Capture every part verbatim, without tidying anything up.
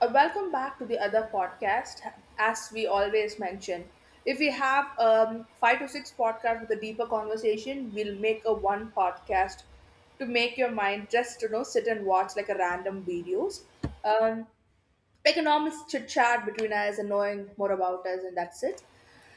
Uh, welcome back to the other podcast. As we always mention, if we have um, five to six podcasts with a deeper conversation, we'll make a one podcast to make your mind just you know sit and watch like a random videos. Um, Economics chit chat between us and knowing more about us, and that's it.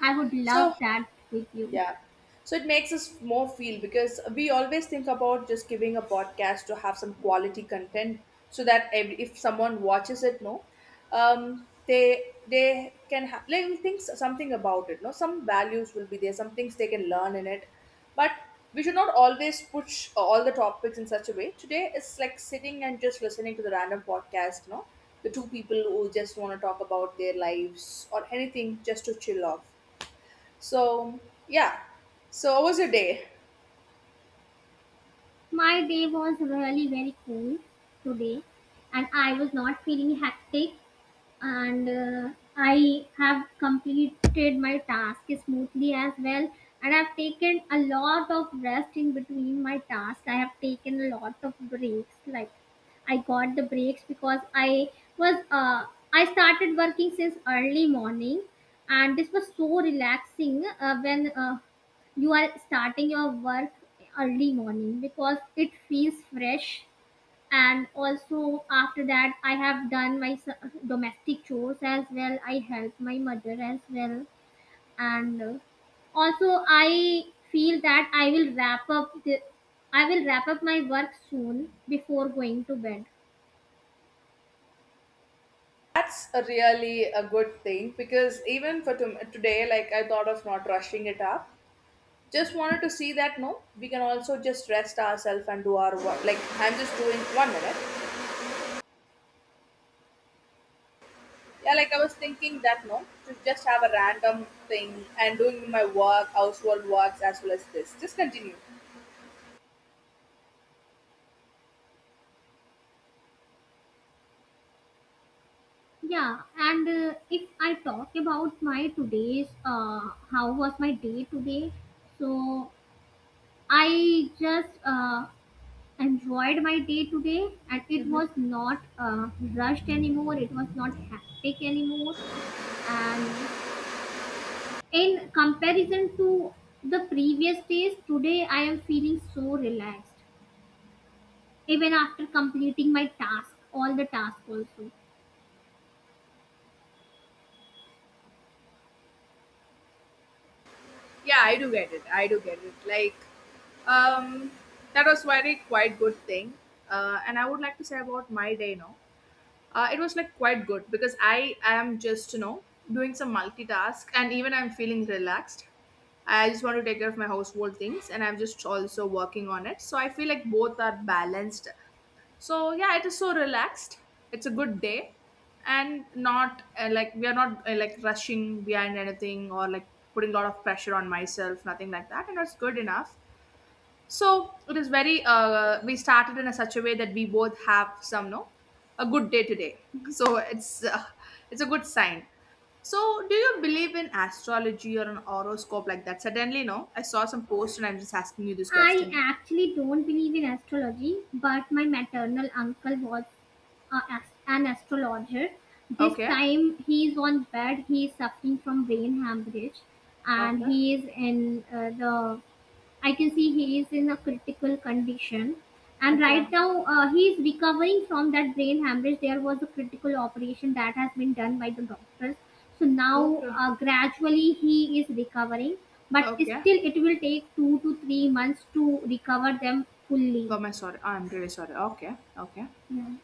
I would love So, that with you. yeah. So it makes us more feel because we always think about just giving a podcast to have some quality content so that ev- if someone watches it, no, um, they they can ha- like, we think something about it. No, some values will be there, some things they can learn in it, but we should not always push all the topics in such a way. Today it's like sitting and just listening to the random podcast. No, the two people who just want to talk about their lives or anything just to chill off. So, yeah. So, how was your day? My day was really very cool today, and I was not feeling hectic. And uh, I have completed my task smoothly as well. And I've taken a lot of rest in between my tasks. I have taken a lot of breaks. Like I got the breaks because I was uh, I started working since early morning, and this was so relaxing uh, when uh, you are starting your work early morning because it feels fresh. And also after that, I have done my s- domestic chores as well, I help my mother as well, and uh, also I feel that i will wrap up the I will wrap up my work soon before going to bed. That's a really a good thing because even for tom today, like, I thought of not rushing it up. Just wanted to see that no, we can also just rest ourselves and do our work. Like, I'm just doing one minute. Yeah, like I was thinking that no, to just have a random thing and doing my work, household works as well as this. Just continue. Yeah, and uh, if I talk about my today's uh, how was my day today, so I just uh, enjoyed my day today, and it Mm-hmm. was not uh, rushed anymore, it was not hectic anymore. And in comparison to the previous days, today I am feeling so relaxed, even after completing my task, all the tasks also. Yeah, I do get it, I do get it. Like, um that was very quite good thing. Uh, and I would like to say about my day now. Uh, it was like quite good because I am just you know doing some multitask, and even I'm feeling relaxed. I just want to take care of my household things and I'm just also working on it, so I feel like both are balanced. So yeah, it is so relaxed, it's a good day. And not uh, like, we are not uh, like rushing behind anything or like putting a lot of pressure on myself, nothing like that, and it's good enough. So it is very uh, we started in a such a way that we both have some, no, a good day today. So it's uh, it's a good sign. So do you believe in astrology or an horoscope like that? Suddenly, no, I saw some post and I'm just asking you this I question. actually don't believe in astrology, but my maternal uncle was a, as- an astrologer. This Okay. time he is on bed, he is suffering from brain hemorrhage, and Okay. he is in uh, the I can see he is in a critical condition. And right Okay. now, uh, he is recovering from that brain hemorrhage. There was a critical operation that has been done by the doctors. So now, Okay. uh, gradually, he is recovering. But Okay. still, it will take two to three months to recover them fully. Oh my, sorry. I'm really sorry. Okay. Okay. Yeah.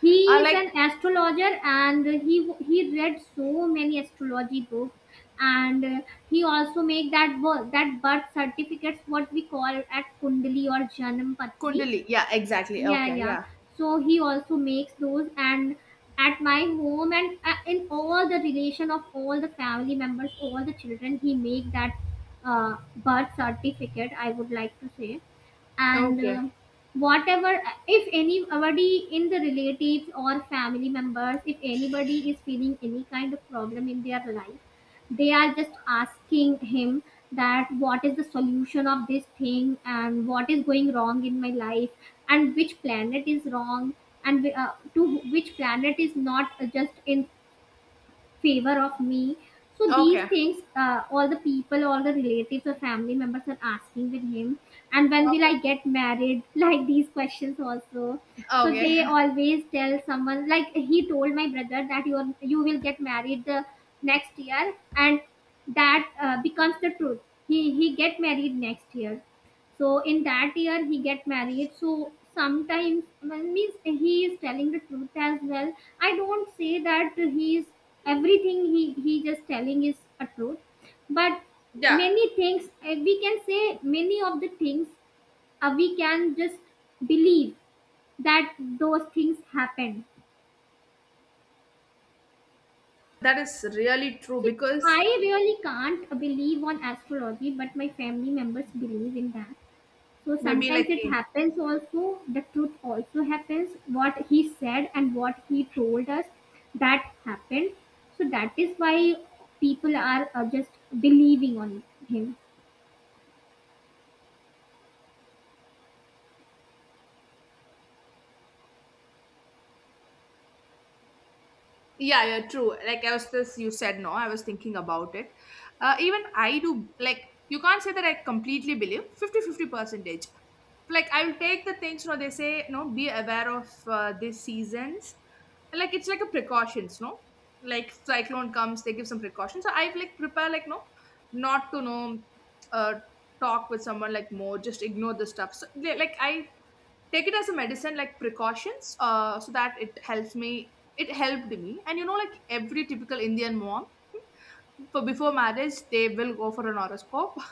He I is an like, astrologer, and he he read so many astrology books, and uh, he also make that birth, that birth certificates, what we call at kundali or janam patri. Kundali. Yeah, exactly. Yeah, Okay, yeah, yeah. so he also makes those, and at my home, and uh, in all the relation, of all the family members, all the children, he make that uh, birth certificate, I would like to say. and Okay. uh, whatever, if anybody in the relatives or family members, if anybody is feeling any kind of problem in their life, they are just asking him that what is the solution of this thing, and what is going wrong in my life, and which planet is wrong, and uh, to which planet is not just in favor of me. So these Okay. things, uh, all the people, all the relatives or family members are asking with him. And when will I Okay. get married? Like these questions also. So Okay. they always tell someone, like he told my brother that you are, you will get married the next year, and that uh, becomes the truth. He he get married next year, so in that year he get married. So sometimes, well, means he is telling the truth as well. I don't say that he is everything he he just telling is a truth, but Yeah. many things, uh, we can say, many of the things, uh, we can just believe that those things happen. That is really true So because, I really can't believe on astrology, but my family members believe in that. So maybe sometimes like it in, happens also, the truth also happens. What he said and what he told us, that happened. So that is why people are uh, just believing on him. yeah, yeah, true. Like, I was just, you said no, I was thinking about it. Uh, even I do like, you can't say that I completely believe fifty-fifty percentage. Like, I'll take the things, you know, they say no, be aware of uh, these seasons. Like, it's like a precautions, no. Like cyclone comes, they give some precautions, so I like prepare, like, no, not to know. uh, Talk with someone like more, just ignore the stuff so they- like, I take it as a medicine, like precautions, uh, so that it helps me, it helped me. And you know like every typical Indian mom, for, before marriage, they will go for an horoscope.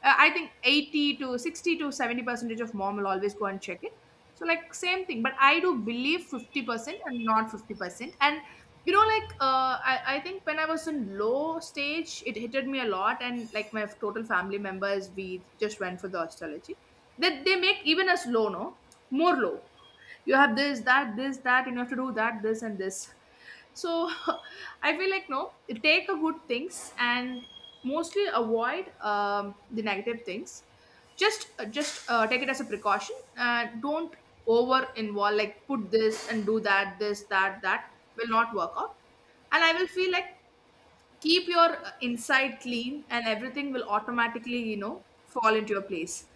Uh, I think eighty to sixty to seventy percentage of mom will always go and check it. So like same thing, but I do believe fifty percent and not fifty percent. And you know like uh, I, I think when I was in low stage, it hitted me a lot, and like my total family members, we just went for the astrology, that they make even us low, no, more low. You have this that this that, and you have to do that, this and this, so. I feel like, no, take a good things and mostly avoid um, the negative things. Just uh, just uh, take it as a precaution. Uh, don't over involve, like put this and do that, this that that will not work out. And I will feel like, keep your uh, inside clean, and everything will automatically you know fall into your place.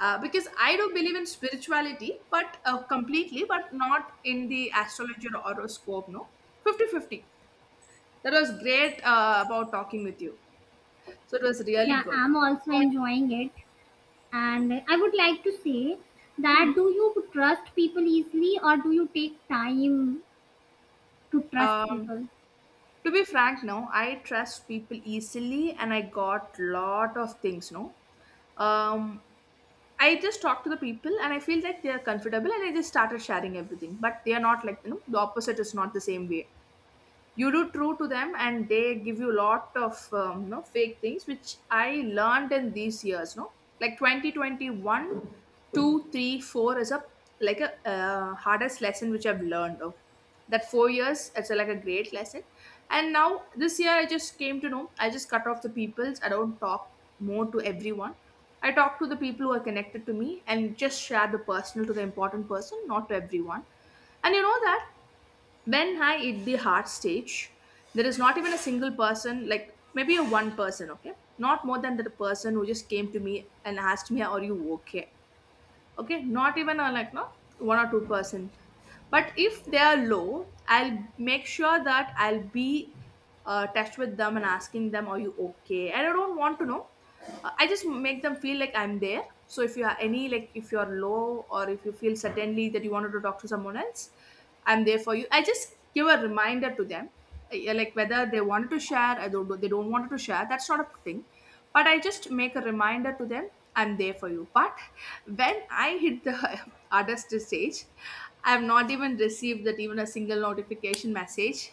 Uh, because I do believe in spirituality, but uh, completely, but not in the astrology or horoscope. No, fifty fifty. That was great uh, about talking with you. So it was really Yeah, good. I'm also And, enjoying it. And I would like to say that, mhm. do you trust people easily, or do you take time to trust um, people? to be frank, no, I trust people easily, and I got lot of things. No, um, I just talk to the people, and I feel like they are comfortable, and I just started sharing everything. But they are not like, you know the opposite is not the same way. You do true to them and they give you lot of um, no fake things which I learned in these years, no, like twenty twenty-one, two three, four is a, like a uh, hardest lesson which I've learned, okay? That four years it's a, like a great lesson. And now this year I just came to know, I just cut off the peoples, I don't talk more to everyone. I talk to the people who are connected to me, and just share the personal to the important person, not to everyone. And you know that when I hit the heart stage, there is not even a single person, like maybe a one person, okay? Not more than the person who just came to me and asked me, "Are you okay?" Okay, not even uh, like, no, one or two percent. But if they are low, I'll make sure that I'll be uh, touch with them and asking them, "Are you okay?" And I don't want to know. Uh, I just make them feel like I'm there. So if you are any, like if you're low, or if you feel suddenly that you wanted to talk to someone else, I'm there for you, I just give a reminder to them. Yeah, like whether they wanted to share or don't- they don't want to share, that's not a thing. But I just make a reminder to them, I'm there for you. But when I hit the artist stage, I have not even received that, even a single notification message.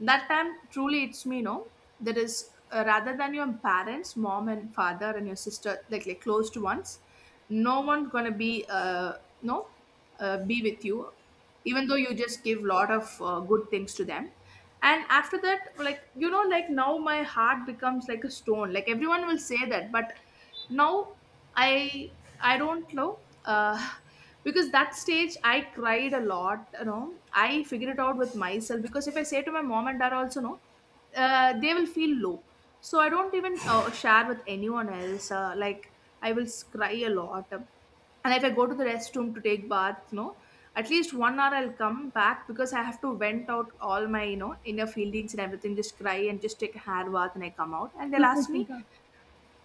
That time truly, it's me, no, there is uh, rather than your parents, mom and father and your sister, like like close to ones. No one gonna be uh no uh, be with you, even though you just give lot of uh, good things to them. And after that, like, you know like now my heart becomes like a stone, like everyone will say that, but now i i don't know. uh, because that stage I cried a lot, you know. I figured it out with myself, because if I say to my mom and dad also, no, uh, they will feel low. So I don't even uh, share with anyone else, uh, like, I will s- cry a lot. And if I go to the restroom to take bath, you know, at least one hour I'll come back, because I have to vent out all my you know inner feelings and everything, just cry and just take a hair bath, and I come out and they'll ask me,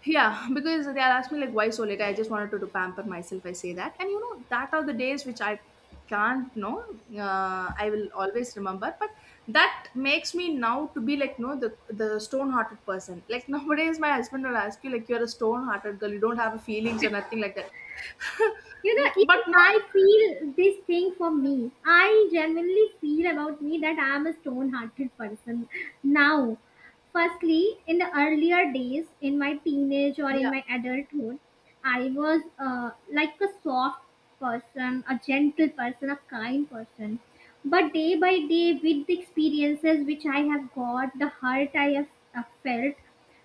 yeah, because they are asking me like, "Why so late? I just wanted to do pamper myself," I say that. And you know that are the days which I can't know. Uh, I will always remember, but that makes me now to be like, no, the the stone hearted person. Like, nowadays, my husband will ask you like, "You're a stone hearted girl, you don't have feelings or nothing like that." You know, Mm, but even no, I feel this thing for me, I genuinely feel about me that I am a stone hearted person now. Firstly, in the earlier days, in my teenage or in yeah, my adulthood, I was uh, like a soft person, a gentle person, a kind person. But day by day, with the experiences which I have got, the hurt I have uh, felt,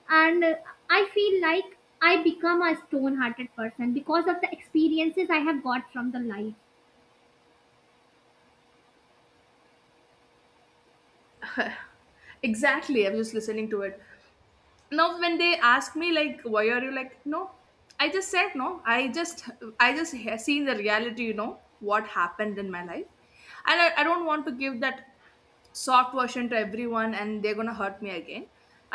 and uh, I feel like I become a stone hearted person because of the experiences I have got from the life. exactly. I'm just listening to it. Now when they ask me, like, why are you like no, I just said no. I just i just ha- seen the reality, you know what happened in my life. And I, I don't want to give that soft version to everyone, and they're gonna hurt me again.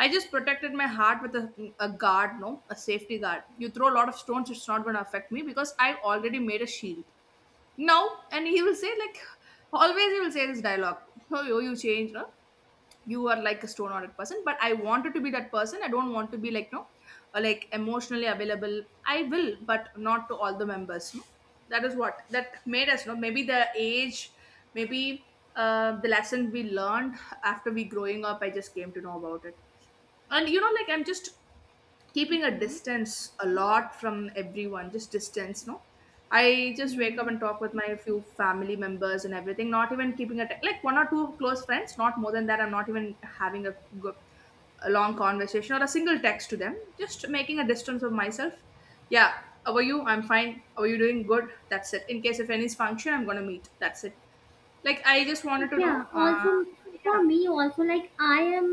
I just protected my heart with a, a guard, no, a safety guard. You throw a lot of stones, it's not gonna affect me because I already made a shield now. And he will say, like, always he will say this dialogue, oh, you, you change no. You are like a stone hearted person, but I wanted to be that person. I don't want to be like no, uh, like emotionally available I will, but not to all the members, no. That is what that made us. No, maybe the age, maybe uh, the lesson we learned. After we growing up, I just came to know about it. And you know like I'm just keeping a Yeah. distance a lot from everyone, just distance, no. I just wake up Yeah. and talk with my few family members and everything, not even keeping a like one or two close friends, not more than that. I'm not even having a good, a long conversation or a single text to them, just making a distance of myself. Yeah. How are you? I'm fine. How are you doing? Good, that's it. In case if any function, I'm gonna meet, that's it. Like, I just wanted to know. Yeah, uh, also Yeah, for me also, like I am,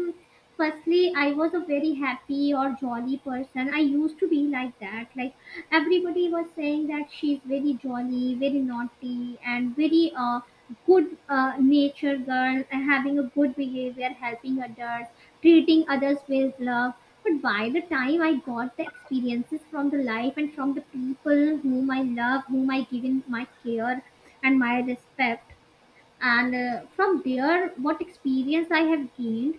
firstly I was a very happy or jolly person, I used to be like that. Like everybody was saying that she's very jolly, very naughty, and very uh, good uh, nature girl, and having a good behavior, helping others, treating others with love. But by the time I got the experiences from the life, and from the people whom I love, whom I give in my care and my respect, and uh, from there what experience I have gained,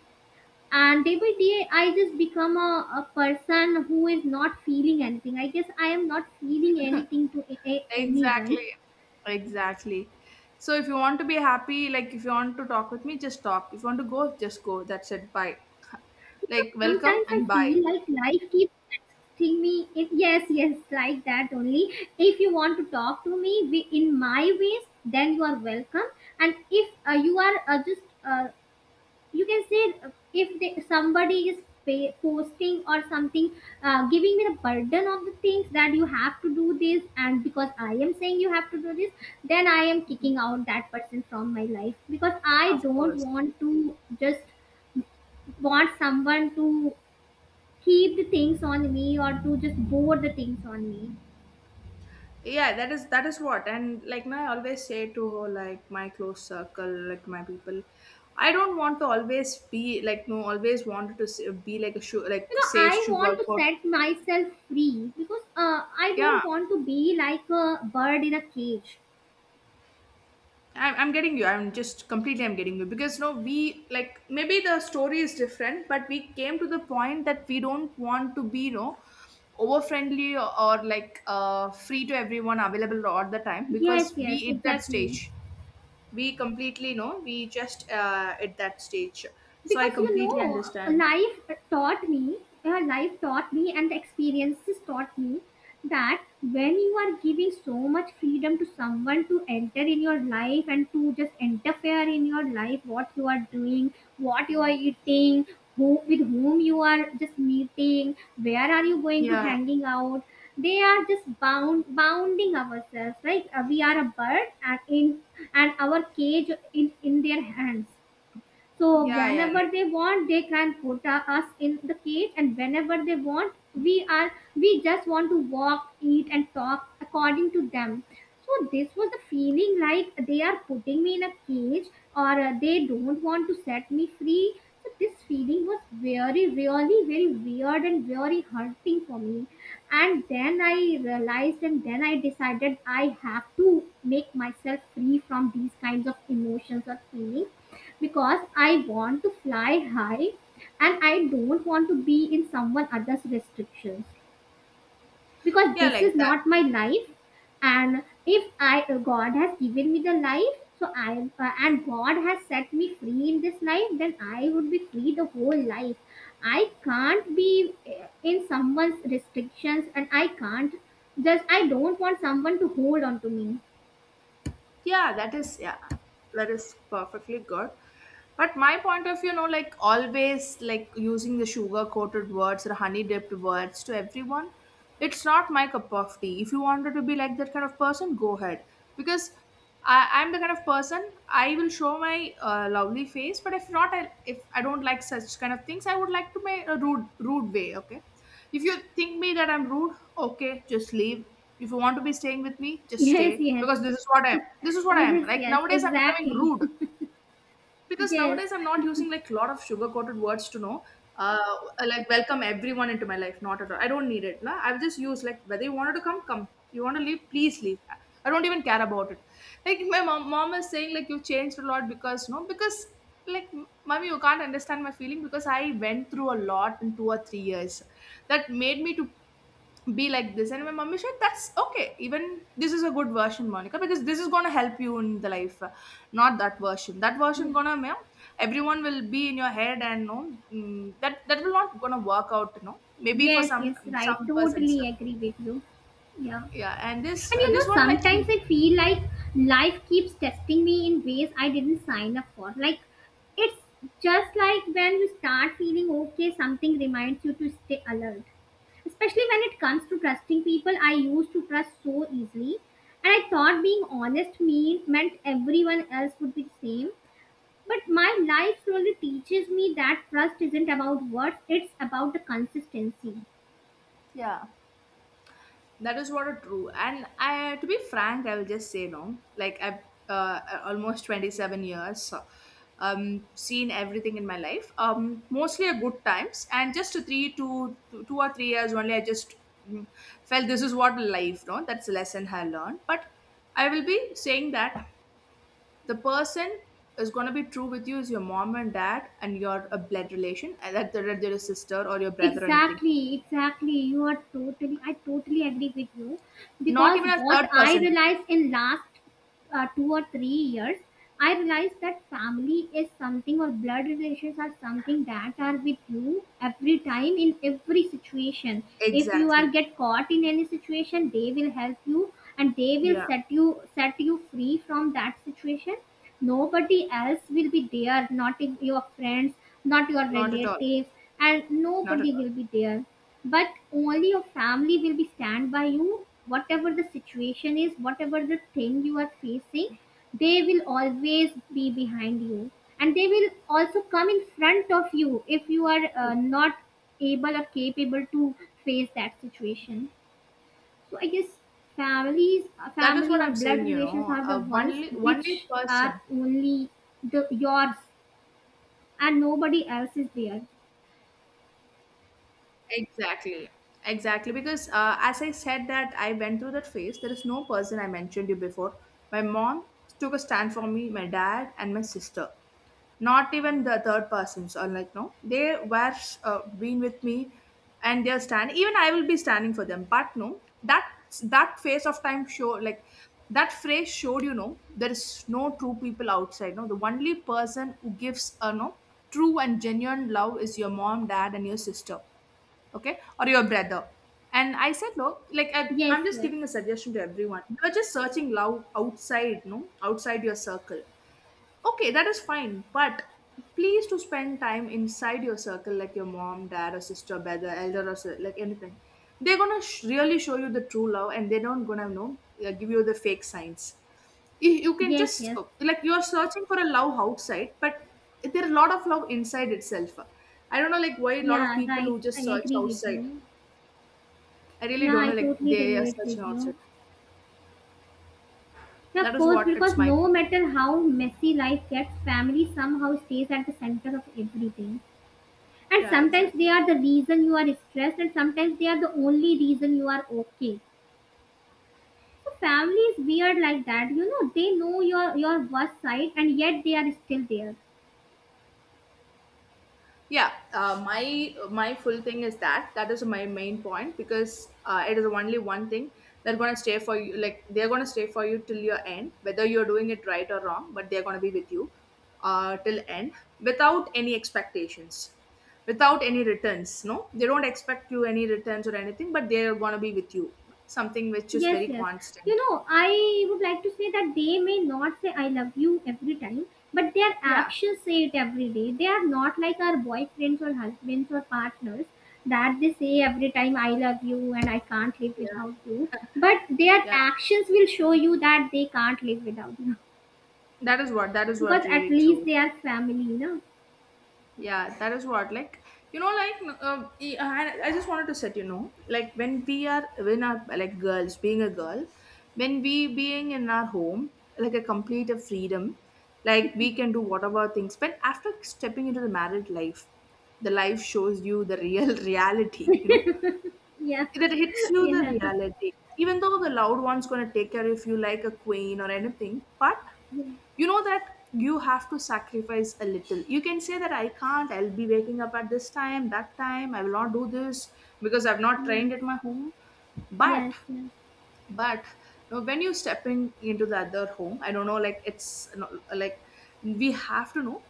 and day by day I just become a, a person who is not feeling anything, I guess I am not feeling anything to a- a- anyone. exactly. Exactly. So if you want to be happy, like if you want to talk with me, just talk. If you want to go, just go. That's it. Bye. Because Like, welcome sometimes I and bye. feel like life keeps texting me it, yes yes, like that only. If you want to talk to me wi- in my ways, then you are welcome. And if uh, you are uh, just uh, you can say, uh, if they, somebody is pay, posting or something, uh, giving me the burden of the things that you have to do this, and because I am saying you have to do this, then I am kicking out that person from my life, because I Of don't course. want to just want someone to keep the things on me, or to just bore the things on me. Yeah, that is that is what. And like now I always say to her, like my close circle, like my people, I don't want to always be like no, always wanted to s- be like a sugar, like You know, say I sugar want to coat. set myself free, because uh, I Yeah, don't want to be like a bird in a cage. I'm, I'm getting you. I'm just completely I'm getting you because no, we like, maybe the story is different, but we came to the point that we don't want to be no over friendly, or, or, like, uh, free to everyone, available all the time, Yes, because we yes, at that exactly. stage, we completely know, we just uh, at that stage. So I Because you know, completely understand. life taught me, uh, life taught me and the experiences taught me that when you are giving so much freedom to someone to enter in your life and to just interfere in your life, what you are doing, what you are eating, who, with whom you are just meeting, where are you going to Yeah, hanging out, they are just bound bounding ourselves, right? Uh, we are a bird, and in and our cage in in their hands. So yeah, yeah. whenever Like, they want, they can put uh, us in the cage, and whenever they want, we are we just want to walk, eat, and talk according to them. So this was the feeling, like they are putting me in a cage, or uh, they don't want to set me free. So this feeling was very, really, very weird and very hurting for me. And then I realized, and then I decided I have to make myself free from these kinds of emotions or feelings, because I want to fly high, and I don't want to be in someone else's restrictions, because yeah, this is like that. not my life. And if I God has given me the life, so I uh, and God has set me free in this life, then I would be free the whole life. I can't be uh, in someone's restrictions, and I can't just I don't want someone to hold on to me. Yeah, that is, yeah, that is perfectly good. But my point of view, no, like always like using the sugar coated words or honey dipped words to everyone, it's not my cup of tea. If you wanted to be like that kind of person, go ahead. Because I, i'm the kind of person, I will show my uh, lovely face, but if not, I, if I don't like such kind of things, I would like to my a rude, rude way, okay? If you think me that I'm rude, okay, just leave. If you want to be staying with me, just yes stay yes because this is what I am. This is what I am. yes Like yes nowadays, I'm becoming exactly. rude because Yes. nowadays I'm not using like a lot of sugar coated words, to know. Uh, like welcome everyone into my life. Not at all. I don't need it. No, I've just used like whether you wanted to come, come. You want to leave, please leave. I don't even care about it. Like my mom, mom is saying like you changed a lot, because no, because like mommy, you can't understand my feeling because I went through a lot in two or three years that made me to be like this. And my mummy said that's okay, even this is a good version, Monica, because this is going to help you in the life. Not that version. That version Yeah. gonna, ma'am, everyone will be in your head. And no, mm, that that will not gonna work out, you know maybe for Yes, some yes, right. some persons. Totally agree with you. Yeah. Yeah, and this And you this know, one, like, sometimes I feel like life keeps testing me in ways I didn't sign up for. Like, it's just like when you start feeling okay, something reminds you to stay alert. Especially when it comes to trusting people I used to trust so easily. And I thought being honest mean, meant everyone else would be the same. But my life slowly teaches me that trust isn't about words, it's about the consistency. yeah. That is what are true. And I, to be frank, I will just say no. Like I've uh, almost twenty seven years, so, um, seen everything in my life. Um, mostly a good times, and just a three two, two, two or three years only. I just mm, felt this is what life. No, that's a lesson I learned. But I will be saying that the person is going to be true with you is your mom and dad and your a blood relation, and that they're your sister or your brother or anything. Exactly, exactly. You are totally, I totally agree with you. Not Because even a what third I person. realized in last uh, two or three years, I realized that family is something, or blood relations are something that are with you every time in every situation. If you are Exactly. get caught in any situation, they will help you, and they will Yeah. set you set you free from that situation. Nobody else will be there, not if your friends, not your Not at all. relatives, and Not at nobody all. will be there. But only your family will be stand by you, whatever the situation is, whatever the thing you are facing, they will always be behind you. And they will also come in front of you if you are uh, not able or capable to face that situation. So I guess families, uh, That is family what or I'm blood saying, you relations know. are the Uh, ones only, only which are person. only the yours, and nobody else is there. Exactly. Exactly. Because uh, as I said that I went through that phase, there is no person I mentioned you before. My mom took a stand for me, my dad, and my sister. Not even the third persons, or like, no, they were, uh, been with me, and they're standing, even I will be standing for them. But no, that that phase of time show, like that phrase showed, you know there is no true people outside, no, the only person who gives a no true and genuine love is your mom, dad, and your sister. Okay, or your brother. And I said, no, like I, Yes, i'm just yes, giving a suggestion to everyone. You're just searching love outside, no, outside your circle. Okay, that is fine, but please to spend time inside your circle, like your mom, dad, or sister, brother, elder, or si- like anything. They're gonna sh- really show you the true love, and they don't gonna know uh, give you the fake signs. You, you can yes, just yes. uh, like, you're searching for a love outside, but there are a lot of love inside itself. I don't know like why a lot of Yeah, people right. who I just search agree with outside. you. I really Yeah, don't I know like totally they are relate with searching you. outside. Yeah, That of is course, what because it's my, no matter how messy life gets, family somehow stays at the center of everything. And yeah, sometimes they exactly. are the reason you are stressed, and sometimes they are the only reason you are okay. So family is weird like that. You know, they know your your worst side, and yet they are still there. Yeah, uh, my my full thing is that that is my main point because uh, it is only one thing. They're gonna stay for you, like they're gonna stay for you till your end, whether you're doing it right or wrong, but they're gonna be with you uh, till end, without any expectations, without any returns, no, they don't expect you any returns or anything, but they're gonna be with you, something which is Yes, very yes. You constant. know, I would like to say that they may not say I love you every time, but their Yeah, actions say it every day. They are not like our boyfriends or husbands or partners that they say every time I love you and I can't live yeah, without you. But their yeah, actions will show you that they can't live without you. that is what that is Because what at really least true. they are family, you know. Yeah, that is what, like, you know, like, n- uh, e, I I just wanted to set, you know, like when we are when our, like, girls being a girl, when we being in our home, like a complete of freedom, like we can do whatever things. But after stepping into the married life, the life shows you the real reality, you know. Yeah, yeah, That hits you, the yes, reality. Even though the loud one's going to take care of you like a queen or anything, but you know that you have to sacrifice a little. You can say that I can't, I'll be waking up at this time, that time I will not do this because I've not yes, trained at my home. but yes. but no, when you stepping into the other home, I don't know, like, it's no, like we have to know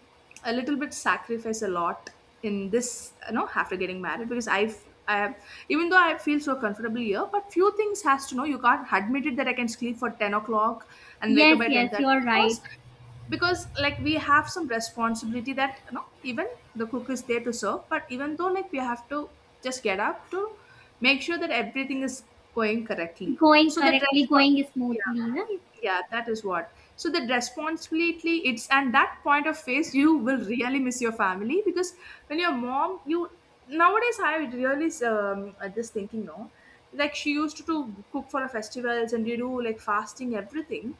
a little bit, sacrifice a lot in this you know after getting married, because i've I even though I feel so comfortable here, but few things has to know. You can't admit it that I can sleep for ten o'clock and wake up Yes, by yes, ten thirty, you're right. because because like we have some responsibility that, you know even the cook is there to serve, but even though like we have to just get up to make sure that everything is going correctly. Going So the correctly, respon going smoothly, no? yeah, yeah. That is what, so the responsibility it's. And that point of phase, you will really miss your family. Because when your mom you nowadays I really um, uh, just thinking no, like she used to do- cook for our festivals, and you do like fasting, everything.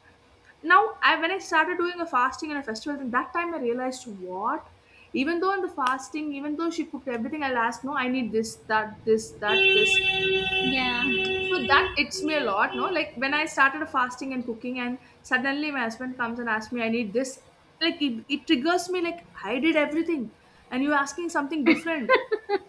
Now I When I started doing a fasting and a festival, then that time I realized what, even though in the fasting, even though she cooked everything, I'll ask, no, I need this, that, this, that, this. So Yeah. that hits me a lot, no? Like when I started fasting and cooking, and suddenly my husband comes and asks me, I need this. Like it, it triggers me, like I did everything, and you're asking something different.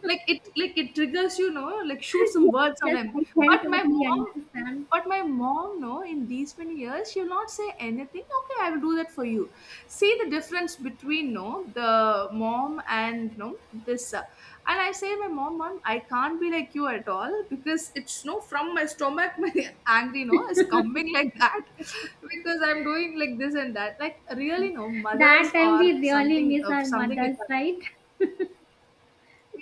Like it, like it triggers you, know, like shoot some Yes, words on yes, him. I can But my totally mom, understand. but my mom, no, in these many years, she'll not say anything. Okay, I will do that for you. See the difference between no the mom and no this, uh, and I say to my mom, Mom, I can't be like you at all because it's no from my stomach, my angry no is coming like that, because I'm doing like this and that. Like really, no That mothers time or we really something miss of our something we mothers, can. right?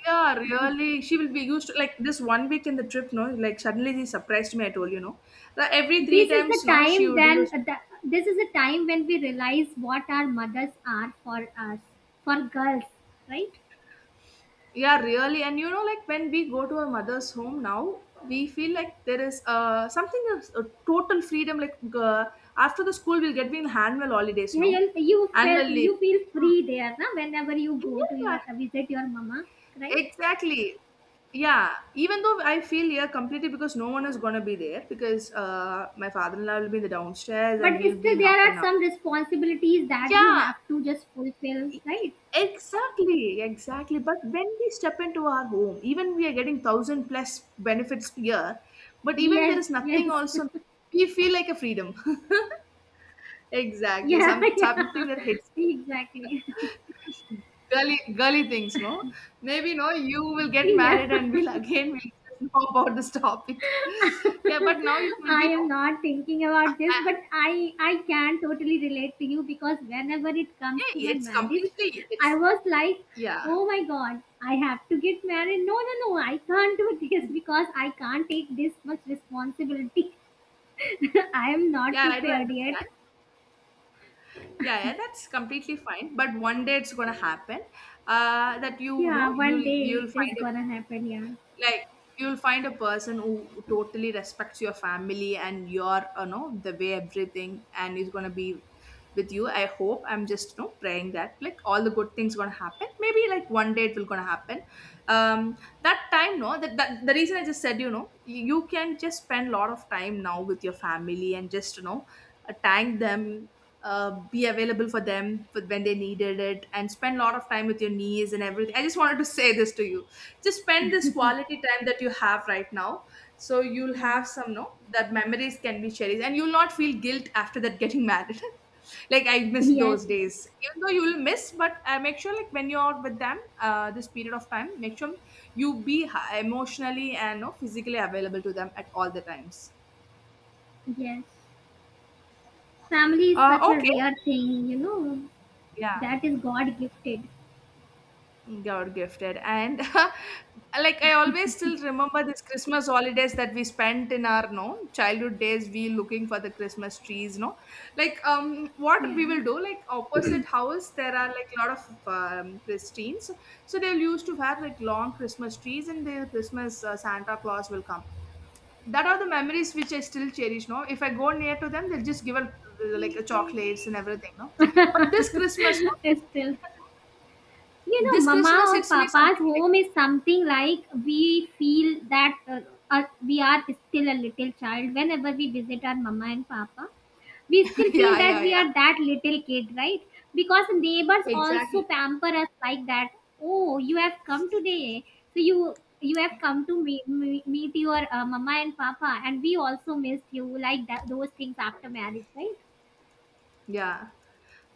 Yeah, really, she will be used to like this one week in the trip. No, like suddenly she surprised me. I told you, no, like every three This is the times, no, she time would then use. the, this is the time when we realize what our mothers are for us, for girls, right? Yeah, really. And you know, like when we go to our mother's home now, we feel like there is uh, something of a total freedom. Like uh, after the school, we'll get we in annual holidays, Yeah, no? you, you Annual feel leave. you feel Mm, free there, na? Whenever you go to your yeah, uh, visit your mama, right? exactly. Yeah, even though I feel here completely because no one is gonna be there because uh, my father-in-law will be in the downstairs and But we'll be still, in there up and are up. some responsibilities that you Yeah, have to just fulfill, E, right? exactly, exactly. But when we step into our home, even we are getting thousand plus benefits here, but even there Yes, is yes. nothing also, we feel like a freedom. Exactly, Yeah, some yeah, something that hits exactly. you. Girly girly things, no? Maybe no, you will get Yeah, married and we'll again we'll just know about this topic. Yeah, but now you can I be no. am not thinking uh, about this, uh, but I I can totally relate to you because whenever it comes to Yeah, my it's marriage, completely I it's was like, yeah. oh my god, I have to get married. No, no, no, I can't do this because I can't take this much responsibility. I am not Yeah, I do prepared yet. understand. yeah yeah that's completely fine, but one day it's gonna happen, uh that you know Yeah, you'll one day you'll it is find a gonna happen. Yeah, like you'll find a person who totally respects your family and your, you know the way everything, and is gonna be with you. I hope, I'm just you know praying that, like, all the good things gonna happen. Maybe, like, one day it will gonna happen. um that time, no that, that the reason I just said, you know, you, you can just spend a lot of time now with your family and just, you know uh, thank them, uh, be available for them for when they needed it, and spend a lot of time with your niece and everything. I just wanted to say this to you. Just spend this quality time that you have right now, so you'll yeah, have some, no that memories can be cherished, and you'll not feel guilt after that getting married. Like, I miss yes, those yes, days. Even though you will miss, but uh, make sure, like, when you're with them, uh, this period of time, make sure you be h- emotionally and, you know, physically available to them at all the times. yes. Family is uh, such a Okay. rare thing, you know. Yeah. That is God gifted. God gifted. And like, I always still remember this Christmas holidays that we spent in our, no, childhood days, we looking for the Christmas trees, no. Like, um what we Yeah. will do, like, opposite house there are like a lot of um, Christines. So they'll used to have like long Christmas trees, and the Christmas uh, Santa Claus will come. That are the memories which I still cherish, no. If I go near to them, they'll just give a, like, a chocolates and everything, no. But this Christmas, Still, no, you know, this mama Christmas or hits me papa's something like. home is something like we feel that uh, uh, we are still a little child. Whenever we visit our mama and papa, we still feel Yeah, that yeah, we yeah, are that little kid, right? Because neighbors also exactly, pamper us like that. Oh, you have come today. So you you have come to meet, meet your uh, mama and papa and we also missed you like that, those things after marriage, right? yeah,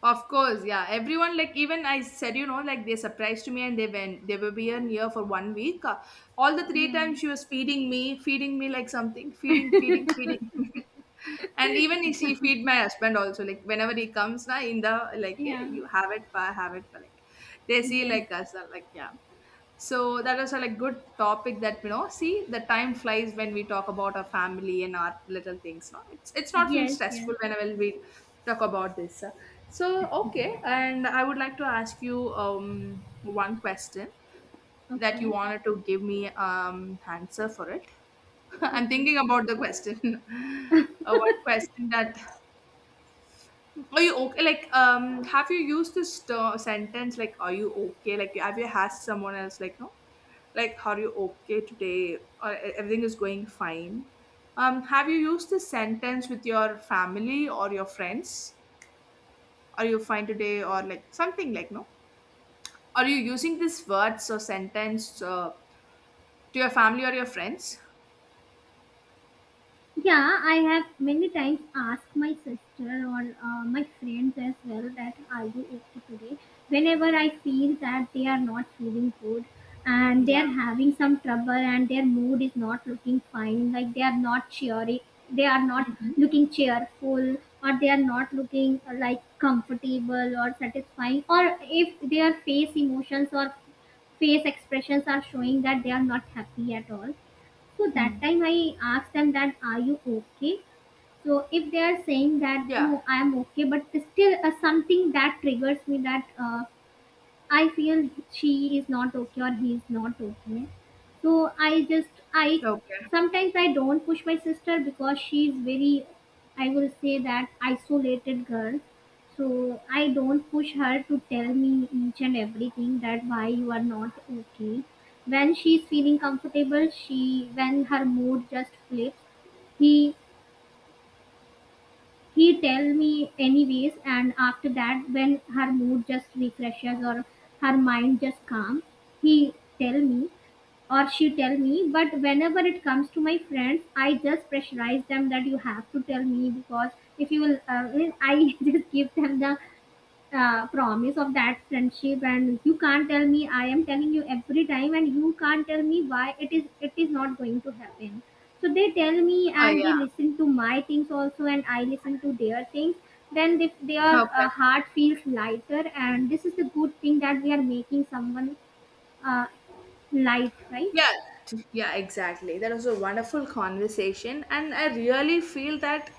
of course, yeah, everyone. Like, even I said, you know, like, they surprised me, and they went, they were here here for one week. Uh, all the three Yeah, times, she was feeding me feeding me like something, feeding feeding feeding. And even if she feed my husband also, like, whenever he comes now in the like, eh, yeah, you have it, pa, have it pa like, they see yes, like us, uh, like, yeah. So that was a like good topic, that you know. See, the time flies when we talk about our family and our little things, no. It's it's not feel yes, yes. stressful whenever we talk about this. So okay, and I would like to ask you um one question that you Okay, wanted to give me um answer for it. I'm okay. thinking about the question. Uh, one question that, are you okay? Like, um, have you used this ter- sentence like, "Are you okay?" Like, have you asked someone else like, "No, like, are you okay today?" Or, "E- Everything is going fine." Um, have you used this sentence with your family or your friends? Are you fine today? Or like something like, no? Are you using these words or sentence uh, to your family or your friends? Yeah, I have many times asked my sister or uh, my friends as well that are you okay today? Whenever I feel that they are not feeling good and they are Yeah. having some trouble and their mood is not looking fine, like they are not cheery, they are not looking cheerful or they are not looking uh, like comfortable or satisfying, or if their face emotions or face expressions are showing that they are not happy at all, so that time I asked them that are you okay? So if they are saying that Yeah. no, I am okay, but still uh, something that triggers me that uh, I feel she is not okay or he is not okay. So I just I Okay. sometimes I don't push my sister because she is very, I will say that, isolated girl. So I don't push her to tell me each and everything that why you are not okay. When she's feeling comfortable, she when her mood just flips, he he tell me anyways, and after that when her mood just refreshes or her mind just calm, he tell me or she tell me. But whenever it comes to my friends, I just pressurize them that you have to tell me because if you will, uh, I just give them the uh, promise of that friendship, and you can't tell me. I am telling you every time and you can't tell me why. It is, it is not going to happen. So they tell me Oh and they yeah. listen to my things also, and I listen to their things. Then they, their uh, Okay. heart feels lighter, and this is the good thing that we are making someone uh, light, right? Yeah, yeah, exactly. That was a wonderful conversation, and I really feel that,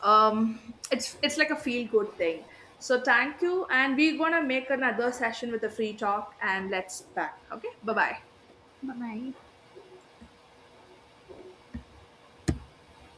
um, it's it's like a feel good thing. So thank you, and we're gonna make another session with a free talk, and let's back. Okay, bye bye. Bye bye.